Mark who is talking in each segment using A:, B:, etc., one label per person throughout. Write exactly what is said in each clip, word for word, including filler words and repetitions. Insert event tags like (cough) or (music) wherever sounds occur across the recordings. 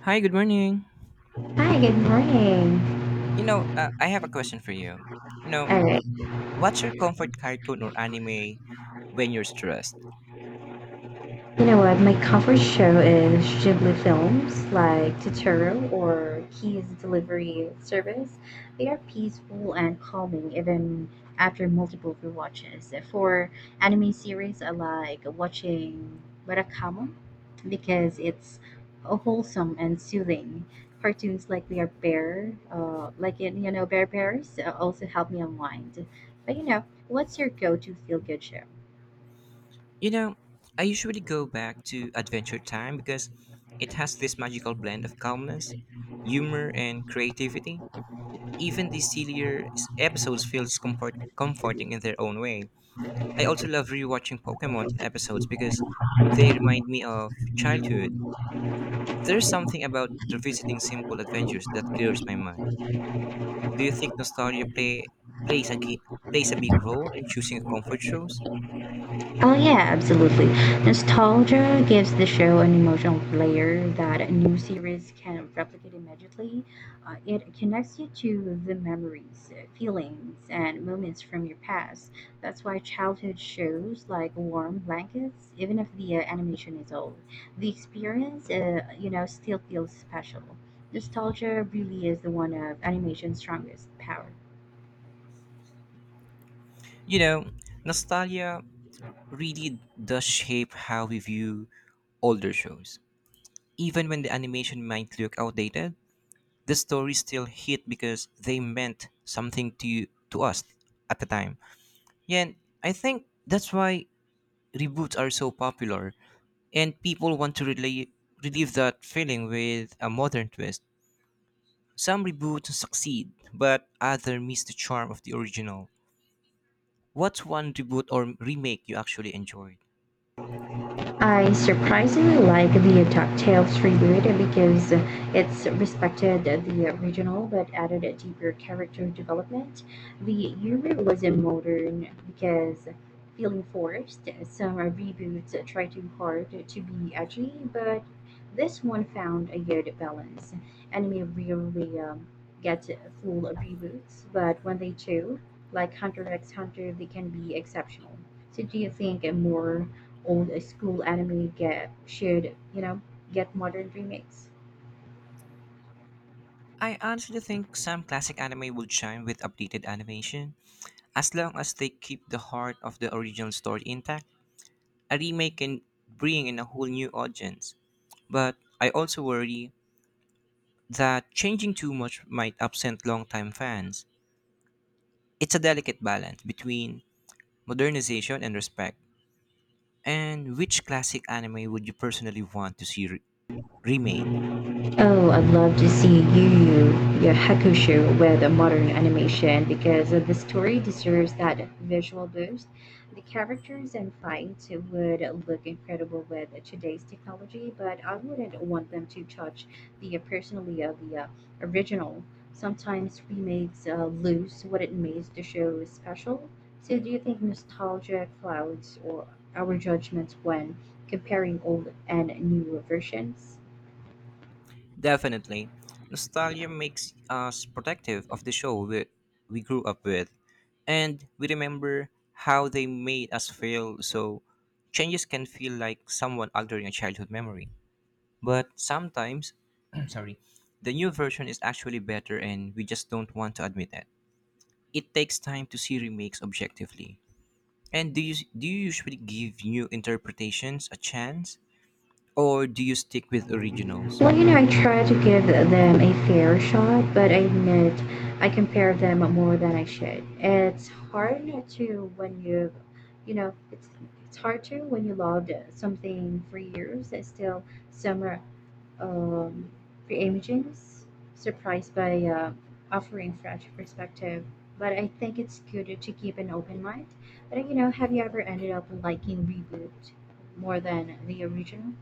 A: Hi, good morning.
B: Hi, good morning.
A: You know, uh, I have a question for you. You know,
B: All right.
A: what's your comfort cartoon or anime when you're stressed?
B: You know what? My comfort show is Ghibli films like Totoro or Key's Delivery Service. They are peaceful and calming even after multiple rewatches. For anime series, I like watching Murakami because it's wholesome and soothing. Cartoons like We Are Bear, uh, like in, you know, Bear Bears, uh, also help me unwind. But you know, what's your go-to feel-good show?
A: You know, I usually go back to Adventure Time because it has this magical blend of calmness, humor, and creativity. Even the sillier s- episodes feels comfort- comforting in their own way. I also love rewatching Pokemon episodes because they remind me of childhood. There's something about revisiting simple adventures that clears my mind. Do you think nostalgia play plays a gi- plays a big role in choosing comfort shows?
B: Oh yeah, absolutely. Nostalgia gives the show an emotional layer that a new series can replicate immediately. Uh, it connects you to the memories, feelings, and moments from your past. That's why childhood shows like Warm Blankets, even if the uh, animation is old, the experience, uh, you know, still feels special. Nostalgia really is the one of animation's strongest power.
A: You know, nostalgia really does shape how we view older shows. Even when the animation might look outdated, the stories still hit because they meant something to you, to us at the time. Yeah, and I think that's why reboots are so popular and people want to relive relive that feeling with a modern twist. Some reboots succeed, but others miss the charm of the original. What's one reboot or remake you actually enjoyed?
B: I surprisingly like the DuckTales reboot because it's respected the original but added a deeper character development. The humor wasn't modern because feeling forced. Some reboots try too hard to be edgy, but this one found a good balance. Anime rarely um, get full reboots, but when they do, like Hunter x Hunter, they can be exceptional. So, do you think a more old school anime get shared, you know, get modern remakes.
A: I honestly think some classic anime will shine with updated animation, as long as they keep the heart of the original story intact. A remake can bring in a whole new audience, but I also worry that changing too much might upset longtime fans. It's a delicate balance between modernization and respect. And which classic anime would you personally want to see re- remade.
B: Oh, I'd love to see Yu Yu Yu Hakusho with a modern animation because uh, the story deserves that visual boost. The characters and fights would look incredible with today's technology, but I wouldn't want them to touch the uh, personally of the uh, original. Sometimes remakes uh, lose what it makes the show special. So, do you think nostalgia clouds or our judgments when comparing old and new versions?
A: Definitely. Nostalgia makes us protective of the show we, we grew up with, and we remember how they made us feel, so changes can feel like someone altering a childhood memory. But sometimes, (clears throat) sorry, the new version is actually better, and we just don't want to admit that. It takes time to see remakes objectively. And do you do you usually give new interpretations a chance, or do you stick with originals?
B: Well, you know, I try to give them a fair shot, but I admit I compare them more than I should. It's hard to when you, you know, it's it's hard to when you loved something for years. It's still some are, um, reimages, surprised by uh, offering fresh perspective. But I think it's good to keep an open mind. But you know, have you ever ended up liking reboot more than the original?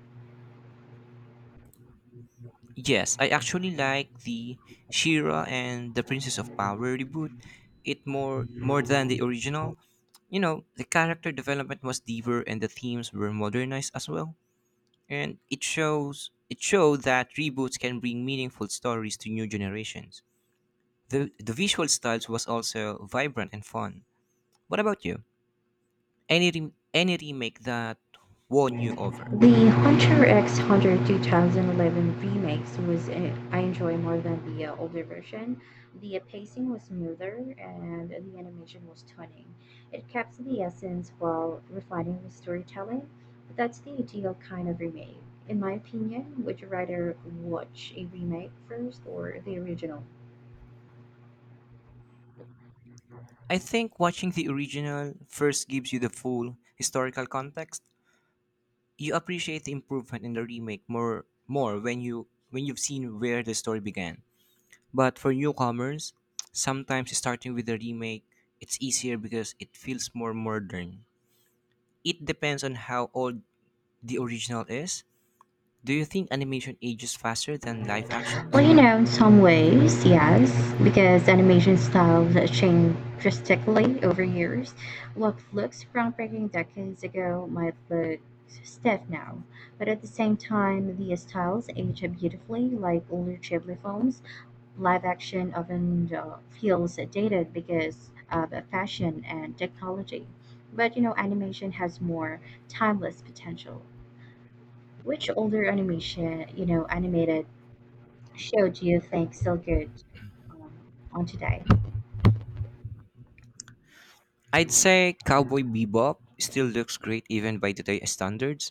A: Yes, I actually like the Shira and the Princess of Power reboot. It more more than the original. You know, the character development was deeper and the themes were modernized as well. And it shows it showed that reboots can bring meaningful stories to new generations. The the visual styles was also vibrant and fun. What about you? Any re- any remake that won you over?
B: The Hunter X Hunter twenty eleven remakes was uh, I enjoy more than the uh, older version. The uh, pacing was smoother and the animation was stunning. It kept the essence while refining the storytelling. But that's the ideal kind of remake. In my opinion, would you rather watch a remake first or the original?
A: I think watching the original first gives you the full historical context you appreciate the improvement in the remake more more when you when you've seen where the story began. But for newcomers, sometimes starting with the remake, it's easier because it feels more modern. It depends on how old the original is. Do you think animation ages faster than live
B: Well,
A: actions?
B: you know, in some ways, yes, because animation styles change drastically over years. What looks groundbreaking decades ago might look stiff now, but at the same time, these styles age beautifully, like older Ghibli films. Live action often uh, feels dated because of fashion and technology, but you know, animation has more timeless potential. Which older animation, you know, animated showed you think so good um, on today.
A: I'd say Cowboy Bebop still looks great even by today's standards.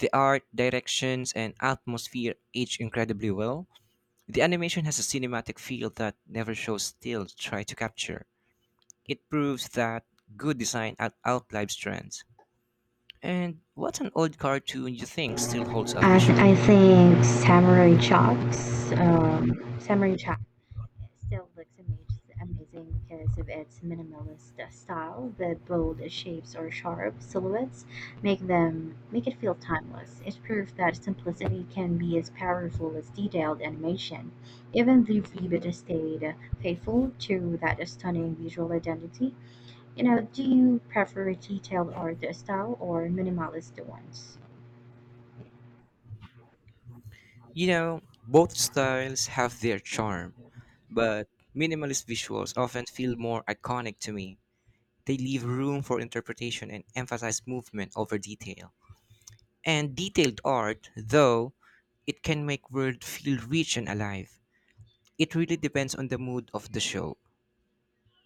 A: The art, directions, and atmosphere age incredibly well. The animation has a cinematic feel that never shows still try to capture. It proves that good design out- outlives trends. And what an old cartoon you think still holds up
B: I, th- I
A: visually.
B: think Samurai Chalks, um, Samurai Chalk still looks amazing because of its minimalist uh, style. The bold shapes or sharp silhouettes make them make it feel timeless. It's proof that simplicity can be as powerful as detailed animation. Even the Vibid stayed faithful to that stunning visual identity. You know, do you prefer detailed art style or minimalist ones?
A: You know, both styles have their charm, but minimalist visuals often feel more iconic to me. They leave room for interpretation and emphasize movement over detail. And detailed art, though, it can make world feel rich and alive. It really depends on the mood of the show.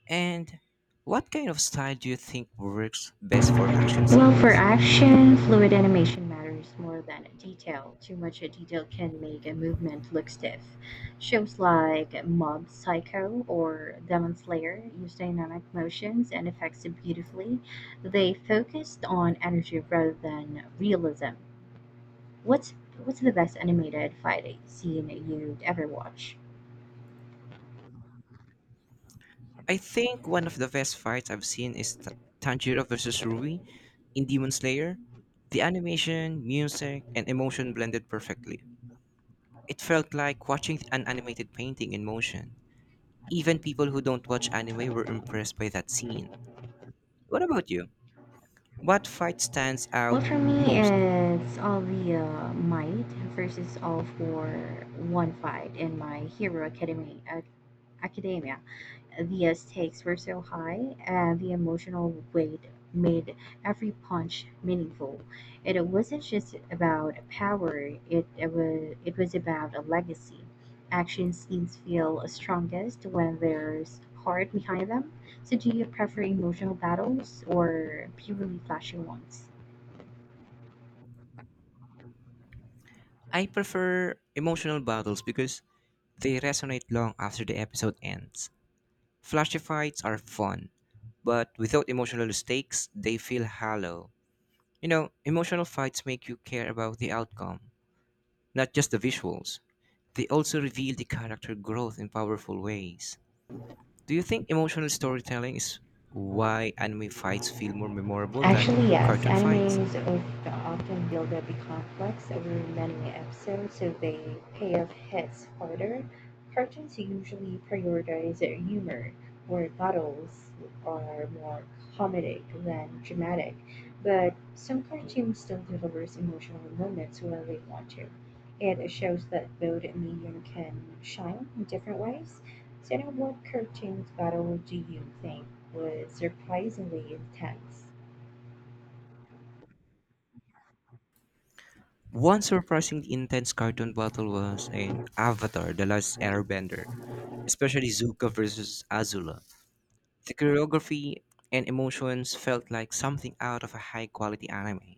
A: And what kind of style do you think works best for action
B: Well, for
A: scenes?
B: action, fluid animation matters more than detail. Too much detail can make a movement look stiff. Shows like Mob Psycho or Demon Slayer use dynamic motions and effects beautifully. They focused on energy rather than realism. What's what's the best animated fight scene you'd ever watch?
A: I think one of the best fights I've seen is Ta- Tanjiro versus Ruby in Demon Slayer. The animation, music, and emotion blended perfectly. It felt like watching an animated painting in motion. Even people who don't watch anime were impressed by that scene. What about you? What fight stands
B: Well,
A: out
B: for me,
A: most?
B: it's all the uh, might versus all for one fight in my Hero Academy, uh, Academia. The uh, stakes were so high, and the emotional weight made every punch meaningful. And it wasn't just about power; it, it was it was about a legacy. Action scenes feel strongest when there's heart behind them. So, do you prefer emotional battles or purely flashy ones?
A: I prefer emotional battles because they resonate long after the episode ends. Flashy fights are fun, but without emotional stakes, they feel hollow. You know, emotional fights make you care about the outcome, not just the visuals. They also reveal the character growth in powerful ways. Do you think emotional storytelling is why anime fights feel more memorable than
B: Actually, yes.
A: cartoon fights?
B: Animes of- often build up a complex over many episodes, so they pay off hits harder. Cartoons usually prioritize their humor, where battles are more comedic than dramatic, but some cartoons still delivers emotional moments when they want to. It shows that both medium can shine in different ways. So, now what cartoons battle do you think was surprisingly intense?
A: One surprisingly intense cartoon battle was in Avatar The Last Airbender, especially Zuko versus Azula. The choreography and emotions felt like something out of a high quality anime.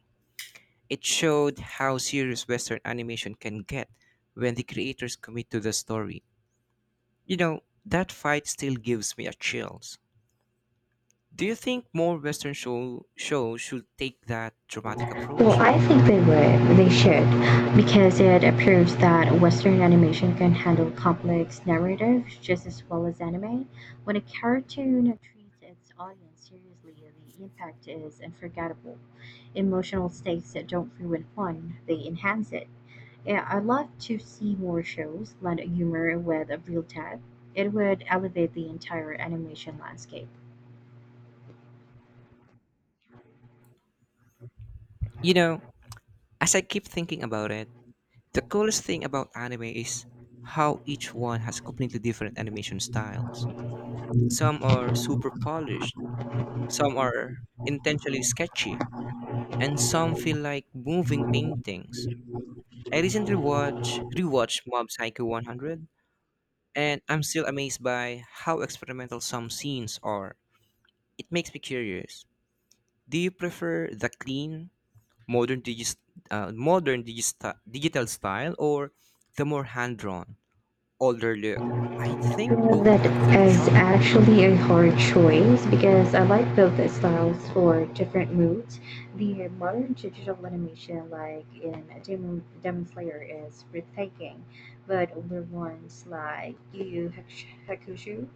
A: It showed how serious Western animation can get when the creators commit to the story. You know, that fight still gives me a chills. Do you think more Western show shows should take that dramatic
B: Well,
A: approach?
B: I think they would. They should, because it approves that Western animation can handle complex narratives just as well as anime. When a cartoon treats its audience seriously, the impact is unforgettable. Emotional stakes that don't ruin fun, they enhance it. Yeah, I'd love to see more shows blend humor with a real depth. It would elevate the entire animation landscape.
A: You know, as I keep thinking about it, the coolest thing about anime is how each one has completely different animation styles. Some are super polished. Some are intentionally sketchy, and some feel like moving paintings. I recently watched rewatched Mob Psycho one hundred, and I'm still amazed by how experimental some scenes are. It makes me curious. Do you prefer the clean, modern digis- uh, modern digista- digital style or the more hand-drawn, older look? I think both
B: That
A: have their
B: is
A: charm.
B: actually a hard choice because I like both styles for different moods. The modern digital animation, like in Demon, Demon Slayer, is breathtaking, but older ones like Yu Yu Hakush- Hakusho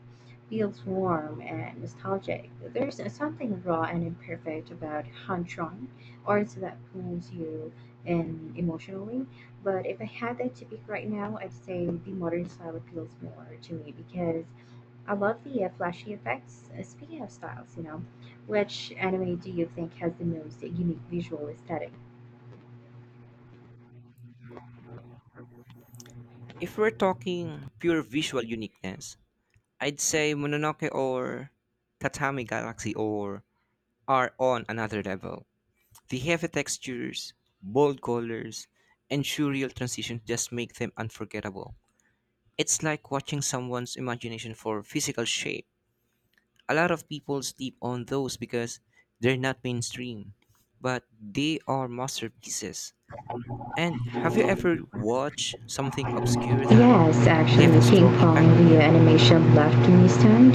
B: feels warm and nostalgic. There's something raw and imperfect about Hantron, arts that pulls you in emotionally. But if I had that to pick right now, I'd say the modern style appeals more to me because I love the uh, flashy effects. Uh, speaking of styles, you know, which anime do you think has the most unique visual aesthetic?
A: If we're talking pure visual uniqueness, I'd say Mononoke or Tatami Galaxy or are on another level. The heavy textures, bold colors, and surreal transitions just make them unforgettable. It's like watching someone's imagination for physical shape. A lot of people sleep on those because they're not mainstream, but they are masterpieces. And have you ever watched something obscure that
B: Yes,
A: left
B: actually,
A: a strong impact on
B: ping-pong, the
A: you?
B: animation left me stunned.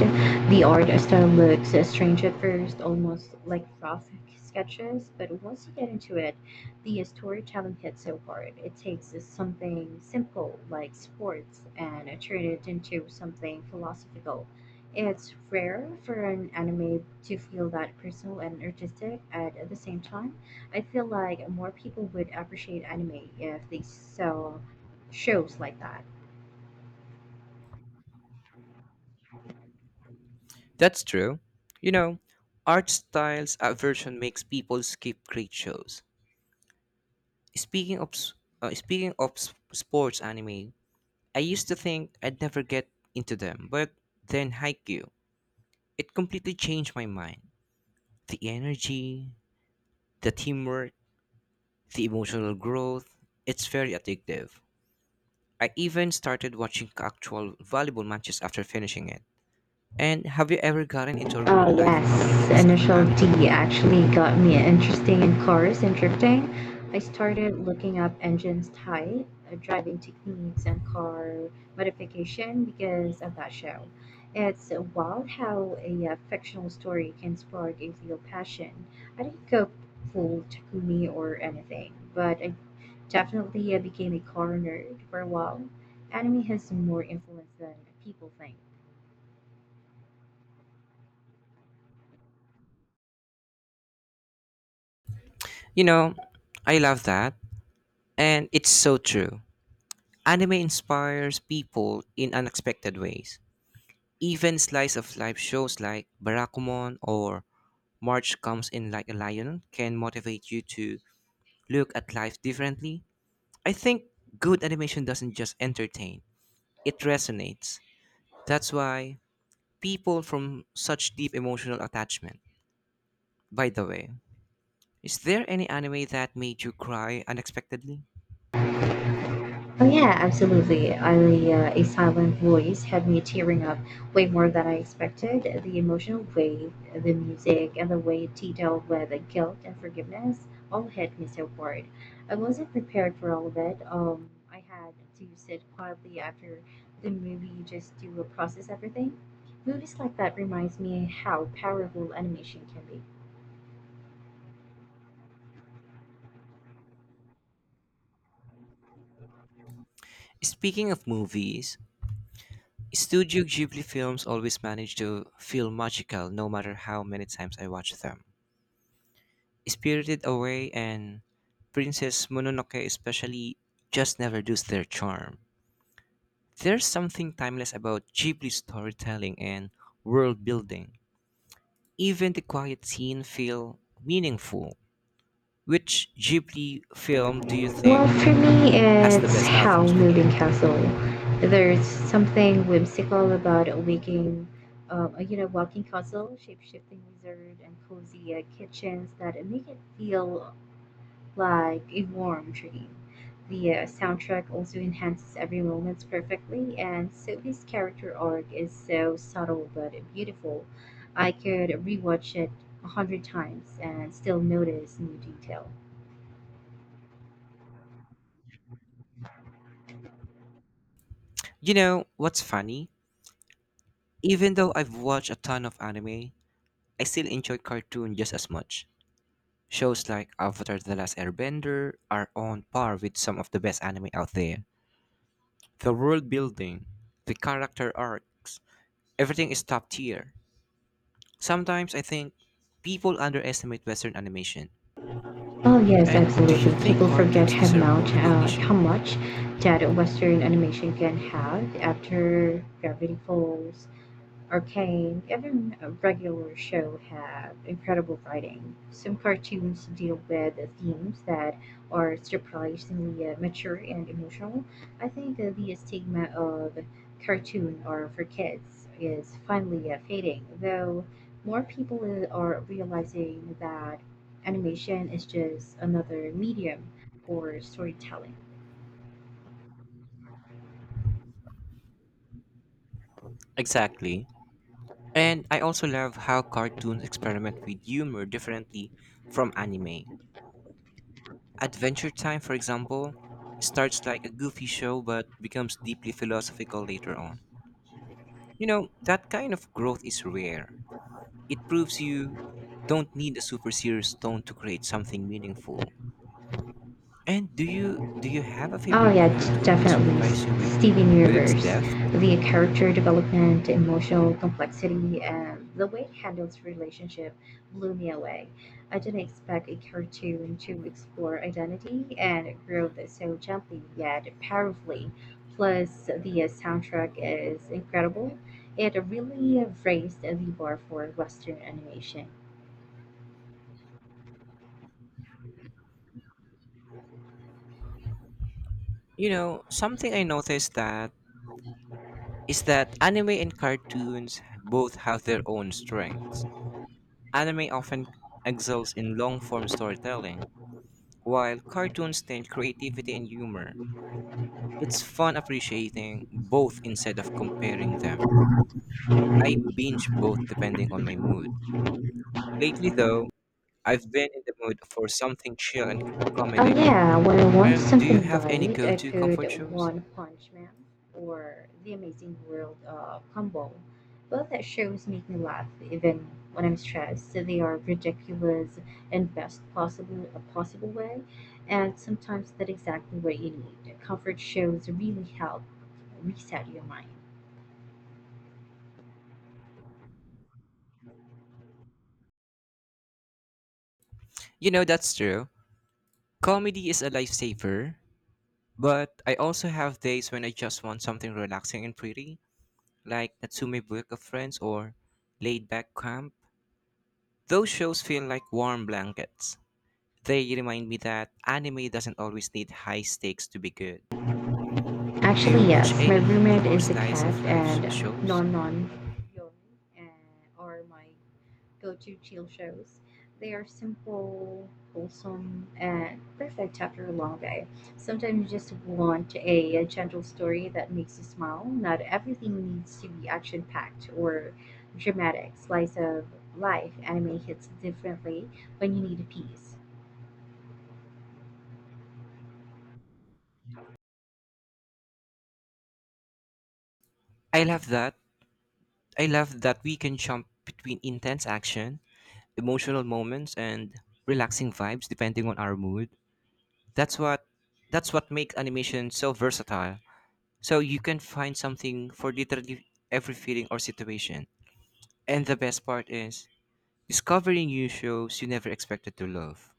B: The art style looks uh, strange at first, almost like rough sketches, but once you get into it, the storytelling hits so hard. It takes something simple like sports and turns it into something philosophical. It's rare for an anime to feel that personal and artistic at the same time. I feel like more people would appreciate anime if they saw shows like that.
A: That's true. You know, art styles aversion makes people skip great shows. Speaking of s- uh, speaking of s- sports anime, I used to think I'd never get into them, but then Haikyuu, it completely changed my mind. The energy, the teamwork, the emotional growth, it's very addictive. I even started watching actual volleyball matches after finishing it. And have you ever gotten into a real
B: Oh,
A: life hobby
B: yes.
A: because of an
B: Initial
A: anime?
B: D actually got me interesting in cars and drifting. I started looking up engines type, uh, driving techniques, and car modification because of that show. It's wild how a uh, fictional story can spark a real passion. I didn't go full Takumi or anything, but I definitely uh, became a car nerd for a while. Anime has more influence than people think.
A: You know, I love that. And it's so true. Anime inspires people in unexpected ways. Even slice of life shows like Barakumon or March Comes in Like a Lion can motivate you to look at life differently. I think good animation doesn't just entertain, it resonates. That's why people from such deep emotional attachment. By the way, is there any anime that made you cry unexpectedly?
B: Oh yeah, absolutely. I, uh, a silent voice had me tearing up way more than I expected. The emotional weight, the music, and the way it detailed with guilt and forgiveness all hit me so hard. I wasn't prepared for all of it. Um, I had to sit quietly after the movie just to process everything. Movies like that reminds me how powerful animation can be.
A: Speaking of movies, Studio Ghibli films always manage to feel magical no matter how many times I watch them. Spirited Away and Princess Mononoke especially just never lose their charm. There's something timeless about Ghibli storytelling and world building. Even the quiet scene feel meaningful. Which Ghibli film do you
B: Well,
A: think
B: for me,
A: has the
B: it's
A: best
B: How Moving
A: atmosphere?
B: Castle. There's something whimsical about a waking, uh, you know, walking castle, shape-shifting wizard, and cozy uh, kitchens that make it feel like a warm dream. The uh, soundtrack also enhances every moment perfectly, and Sophie's character arc is so subtle but beautiful. I could rewatch it a hundred times and still notice new detail.
A: You know, what's funny? Even though I've watched a ton of anime, I still enjoy cartoon just as much. Shows like Avatar The Last Airbender are on par with some of the best anime out there. The world building, the character arcs, everything is top tier. Sometimes I think people underestimate Western animation.
B: Oh yes,
A: And do you
B: absolutely.
A: think
B: People forget
A: cartoons
B: how
A: deserve more
B: much uh, how
A: recognition?
B: much that Western animation can have after Gravity Falls. Arcane, every regular show have incredible writing. Some cartoons deal with themes that are surprisingly uh, mature and emotional. I think uh, the stigma of cartoon are for kids is finally uh, fading, though more people uh, are realizing that animation is just another medium for storytelling.
A: Exactly. And I also love how cartoons experiment with humor differently from anime. Adventure Time, for example, starts like a goofy show but becomes deeply philosophical later on. You know, that kind of growth is rare. It proves you don't need a super serious tone to create something meaningful. And do you do you have a
B: Oh
A: favorite
B: yeah, d-
A: cartoon that
B: definitely.
A: surprised you
B: S-
A: with
B: Steven
A: with its
B: Universe,
A: depth?
B: the character development, emotional complexity, and the way it handles relationship blew me away. I didn't expect a cartoon to explore identity and growth so gently yet powerfully. Plus, the uh, soundtrack is incredible. It really raised the bar for Western animation.
A: You know, something I noticed that is that anime and cartoons both have their own strengths. Anime often excels in long-form storytelling, while cartoons tend creativity and humor. It's fun appreciating both instead of comparing them. I binge both depending on my mood. Lately, though, I've been in the mood for something chill and
B: Oh
A: comedy.
B: yeah, when I want
A: And do you
B: something
A: have any
B: light,
A: go
B: I
A: to
B: put
A: comfort shows?
B: One Punch Man or The Amazing World of Gumball. Both that shows make me laugh even when I'm stressed. So they are ridiculous in best possible a possible way, and sometimes that's exactly what you need. Comfort shows really help reset your mind.
A: You know, that's true. Comedy is a lifesaver, but I also have days when I just want something relaxing and pretty, like Natsume Book of Friends or Laid Back Camp. Those shows feel like warm blankets. They remind me that anime doesn't always need high stakes to be good. Do you
B: Actually,
A: watch
B: yes. My
A: any healing
B: roommate
A: or
B: is a
A: slice
B: cat,
A: of life sh-
B: and
A: shows?
B: Non Non Yon uh, are my go to chill shows. They are simple, wholesome, and perfect after a long day. Sometimes you just want a, a gentle story that makes you smile. Not everything needs to be action packed or dramatic. Slice of life anime hits differently when you need a piece.
A: I love that. I love that we can jump between intense action, emotional moments, and relaxing vibes depending on our mood. That's what that's what makes animation so versatile. So you can find something for literally every feeling or situation. And the best part is discovering new shows you never expected to love.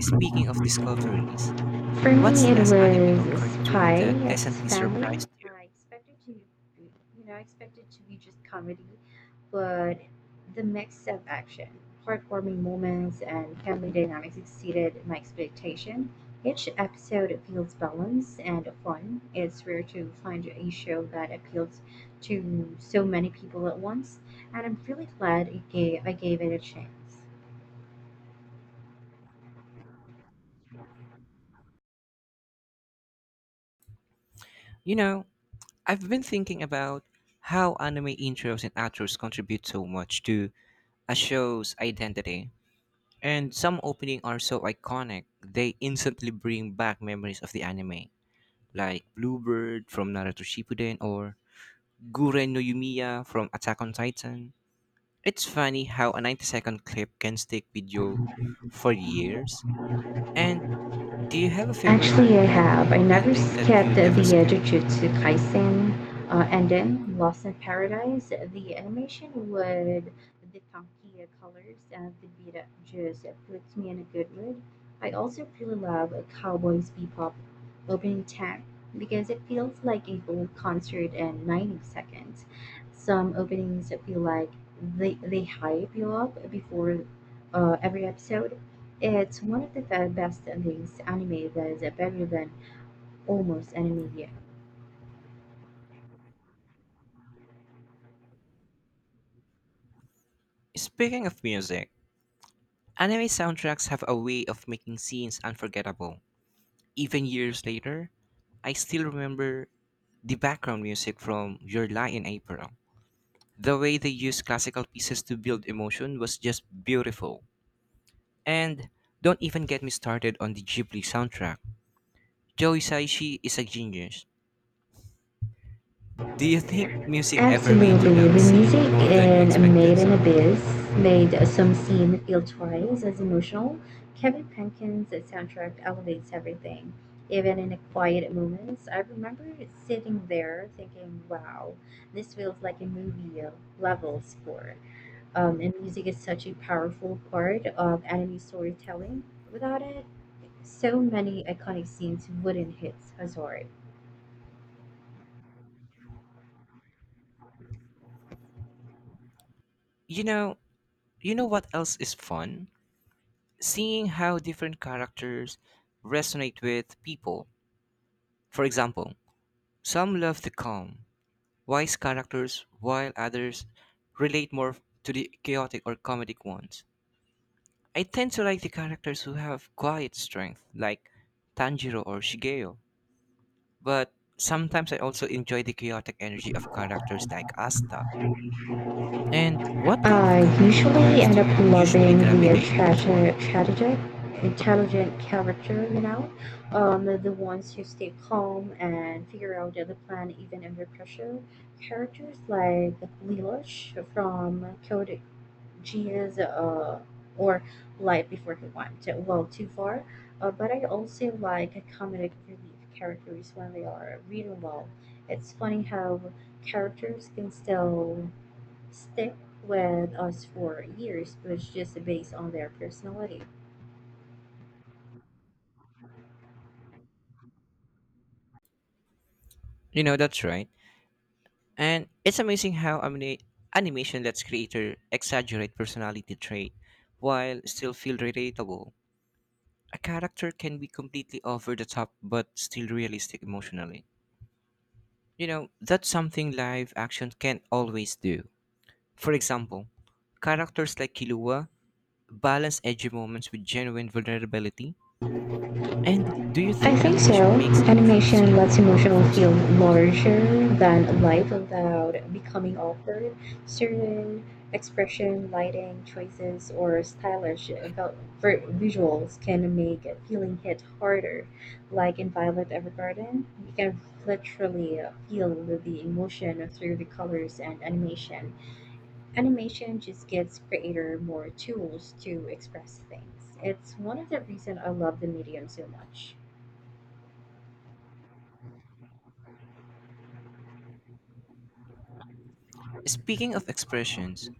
A: Speaking of discoveries,
B: For
A: what's
B: me,
A: the
B: it
A: last anime or
B: was
A: cartoon
B: Spy
A: that
B: X
A: pleasantly
B: Family.
A: surprised you?
B: I expected to, you know, I expected to be just comedy, but the mix of action, heartwarming moments, and family dynamics exceeded my expectation. Each episode feels balanced and fun. It's rare to find a show that appeals to so many people at once, and I'm really glad it gave, I gave it a chance.
A: You know, I've been thinking about how anime intros and outros contribute so much to a show's identity. And some opening are so iconic, they instantly bring back memories of the anime, like Bluebird from Naruto Shippuden or Guren no Yumiya from Attack on Titan. It's funny how a ninety-second clip can stick with you for years. And do you have a favorite
B: Actually, I
A: anime
B: have.
A: opening
B: I
A: or
B: never
A: ending that
B: skipped
A: you
B: the
A: never
B: uh,
A: skip?
B: Jujutsu Kaisen uh, and then Lost in Paradise. The animation with the funky colors and the beat up just puts me in a good mood. I also really love Cowboys Bebop opening tag because it feels like a whole concert in ninety seconds. Some openings feel like they, they hype you up before uh, every episode it's one of the fa- best things anime that is better than almost any media.
A: Speaking of music, anime soundtracks have a way of making scenes unforgettable. Even years later, I still remember the background music from Your Lie in April. The way they used classical pieces to build emotion was just beautiful. And don't even get me started on the Ghibli soundtrack. Joe Hisaishi is a genius. Do you think music ever made you
B: Absolutely,
A: love a
B: the music
A: scene more than you
B: in
A: expected?
B: Made in
A: Sorry.
B: Abyss made some scene feel twice as emotional. Kevin Penkin's soundtrack elevates everything. Even in the quiet moments, I remember sitting there thinking, wow, this feels like a movie level score. Um, and music is such a powerful part of anime storytelling. Without it, so many iconic scenes wouldn't hit Hazard.
A: You know, you know what else is fun? Seeing how different characters resonate with people. For example, some love the calm, wise characters, while others relate more to the chaotic or comedic ones. I tend to like the characters who have quiet strength, like Tanjiro or Shigeo, but sometimes I also enjoy the chaotic energy of characters like Asta. And what kind of
B: I
A: character
B: usually
A: types do
B: end up
A: you usually
B: loving the uh,
A: gravitate
B: tragi-
A: toward?
B: tragic, intelligent character, you know, um, the the ones who stay calm and figure out the plan even under pressure. Characters like Lelouch from Code she is uh or light before he went well too far. Uh, but I also like comedic relief characters when they are written well. It's funny how characters can still stick with us for years, but it's just based on their personality.
A: You know, that's right. And it's amazing how anima- animation lets creator exaggerate personality trait while still feel relatable. A character can be completely over the top but still realistic emotionally. You know, that's something live action can not always do. For example, characters like Killua balance edgy moments with genuine vulnerability. And do you
B: I
A: think
B: think so.
A: animation makes emotional
B: Animation
A: scene more
B: lets emotion
A: powerful
B: feel
A: sometimes?
B: larger than life without becoming awkward. Certain expression, lighting choices, or stylish vel- ver- visuals can make a feeling hit harder. Like in Violet Evergarden, you can literally feel the emotion through the colors and animation. Animation just gives creator more tools to express things. It's one of the reasons I love the medium so much.
A: Speaking of expressions,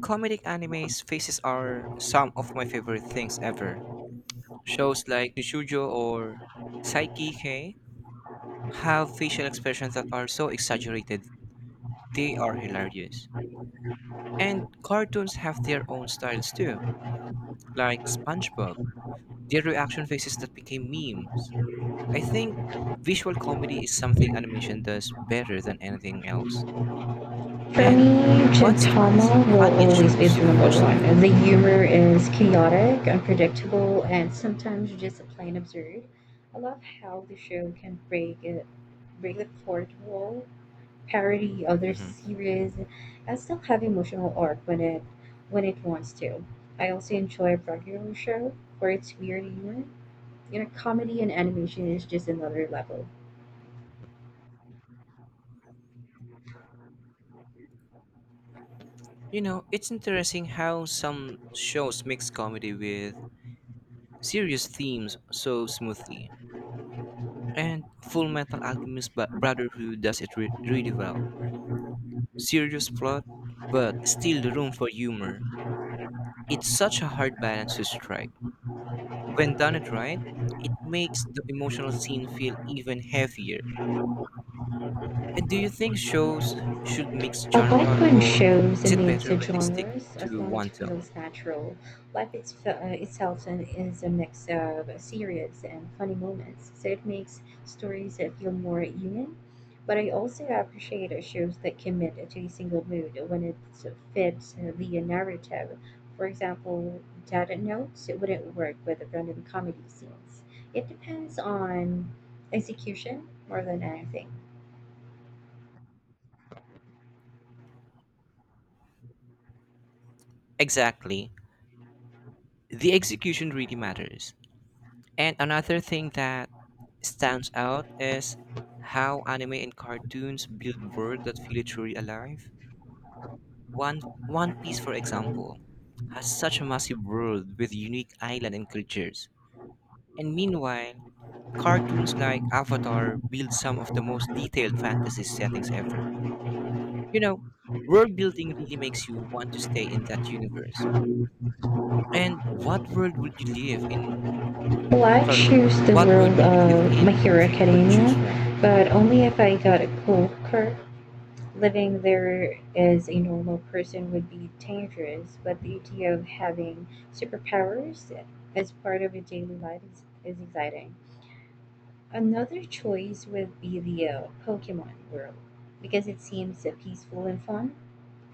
A: comedic anime's faces are some of my favorite things ever. Shows like Nichujou or Saikike have facial expressions that are so exaggerated, they are hilarious. And cartoons have their own styles too, like SpongeBob, their reaction faces that became memes. I think visual comedy is something animation does better than anything else.
B: For
A: And
B: me,
A: what's the funniest,
B: Gintama will
A: funniest
B: always be
A: shows
B: the
A: you've
B: number
A: watched so
B: one. The
A: far?
B: humor is chaotic, unpredictable, and sometimes just plain absurd. I love how the show can break it, break the fourth wall, parody other
A: Mhm.
B: series, and still have emotional arc when it when it wants to. I also enjoy regular show for its weird humor. You know, comedy and animation is just another level.
A: You know, it's interesting how some shows mix comedy with serious themes so smoothly. And Full Metal Alchemist Bro- Brotherhood does it re- really well. Serious plot, but still the room for humor. It's such a hard balance to strike. When done it right, it makes the emotional scene feel even heavier. And do you think shows should mix
B: A white
A: genre,
B: one
A: or
B: shows
A: is
B: a
A: it better
B: mix
A: when
B: of
A: they stick
B: genres as
A: to
B: long as
A: one
B: it
A: tone?
B: feels natural. Life it's, uh, itself and is a mix of serious and funny moments, so it makes stories that feel more human. But I also appreciate shows that commit to a single mood when it fits the narrative. For example, Dead Notes it wouldn't work with random comedy scenes. It depends on execution more than anything.
A: Exactly. The execution really matters. And another thing that stands out is how anime and cartoons build world that feel truly alive. One One Piece, for example, has such a massive world with unique island and creatures. And meanwhile, cartoons like Avatar build some of the most detailed fantasy settings ever. You know, world building really makes you want to stay in that universe. And what world would you live in? wo-
B: Well, I
A: Sorry,
B: choose the
A: what world
B: world
A: would you live
B: of My
A: in
B: Hero
A: if you could
B: Academia,
A: choose one?
B: but only if I got a cool card. Living there as a normal person would be dangerous, but the idea of having superpowers as part of a daily life is, is exciting. Another choice would be the uh, Pokemon world, because it seems uh, peaceful and fun.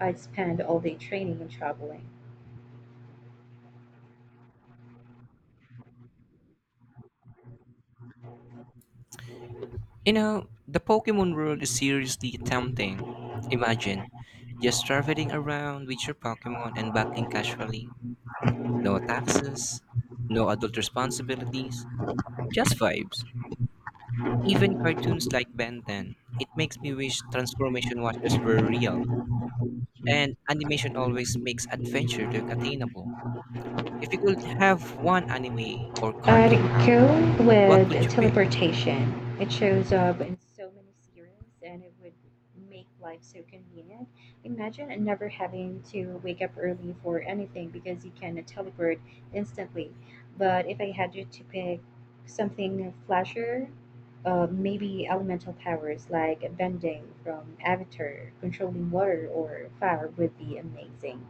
B: I'd spend all day training and traveling.
A: You know, the Pokemon world is seriously tempting. Imagine, just traveling around with your Pokemon and battling casually. No taxes, no adult responsibilities, just vibes. Even cartoons like Ben ten. It makes me wish transformation watches were real. And animation always makes adventure look attainable. If you could have one anime or
B: I'd
A: cartoon
B: go
A: power, what
B: with
A: would you pick?
B: teleportation. It shows up in so many series and it would make life so convenient. Imagine never having to wake up early for anything because you can teleport instantly. But if I had to to pick something flasher, uh, maybe elemental powers like bending from Avatar, controlling water or fire would be amazing.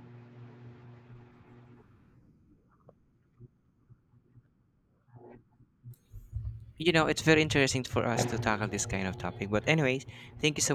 A: You know, it's very interesting for us to tackle this kind of topic. But anyways, thank you so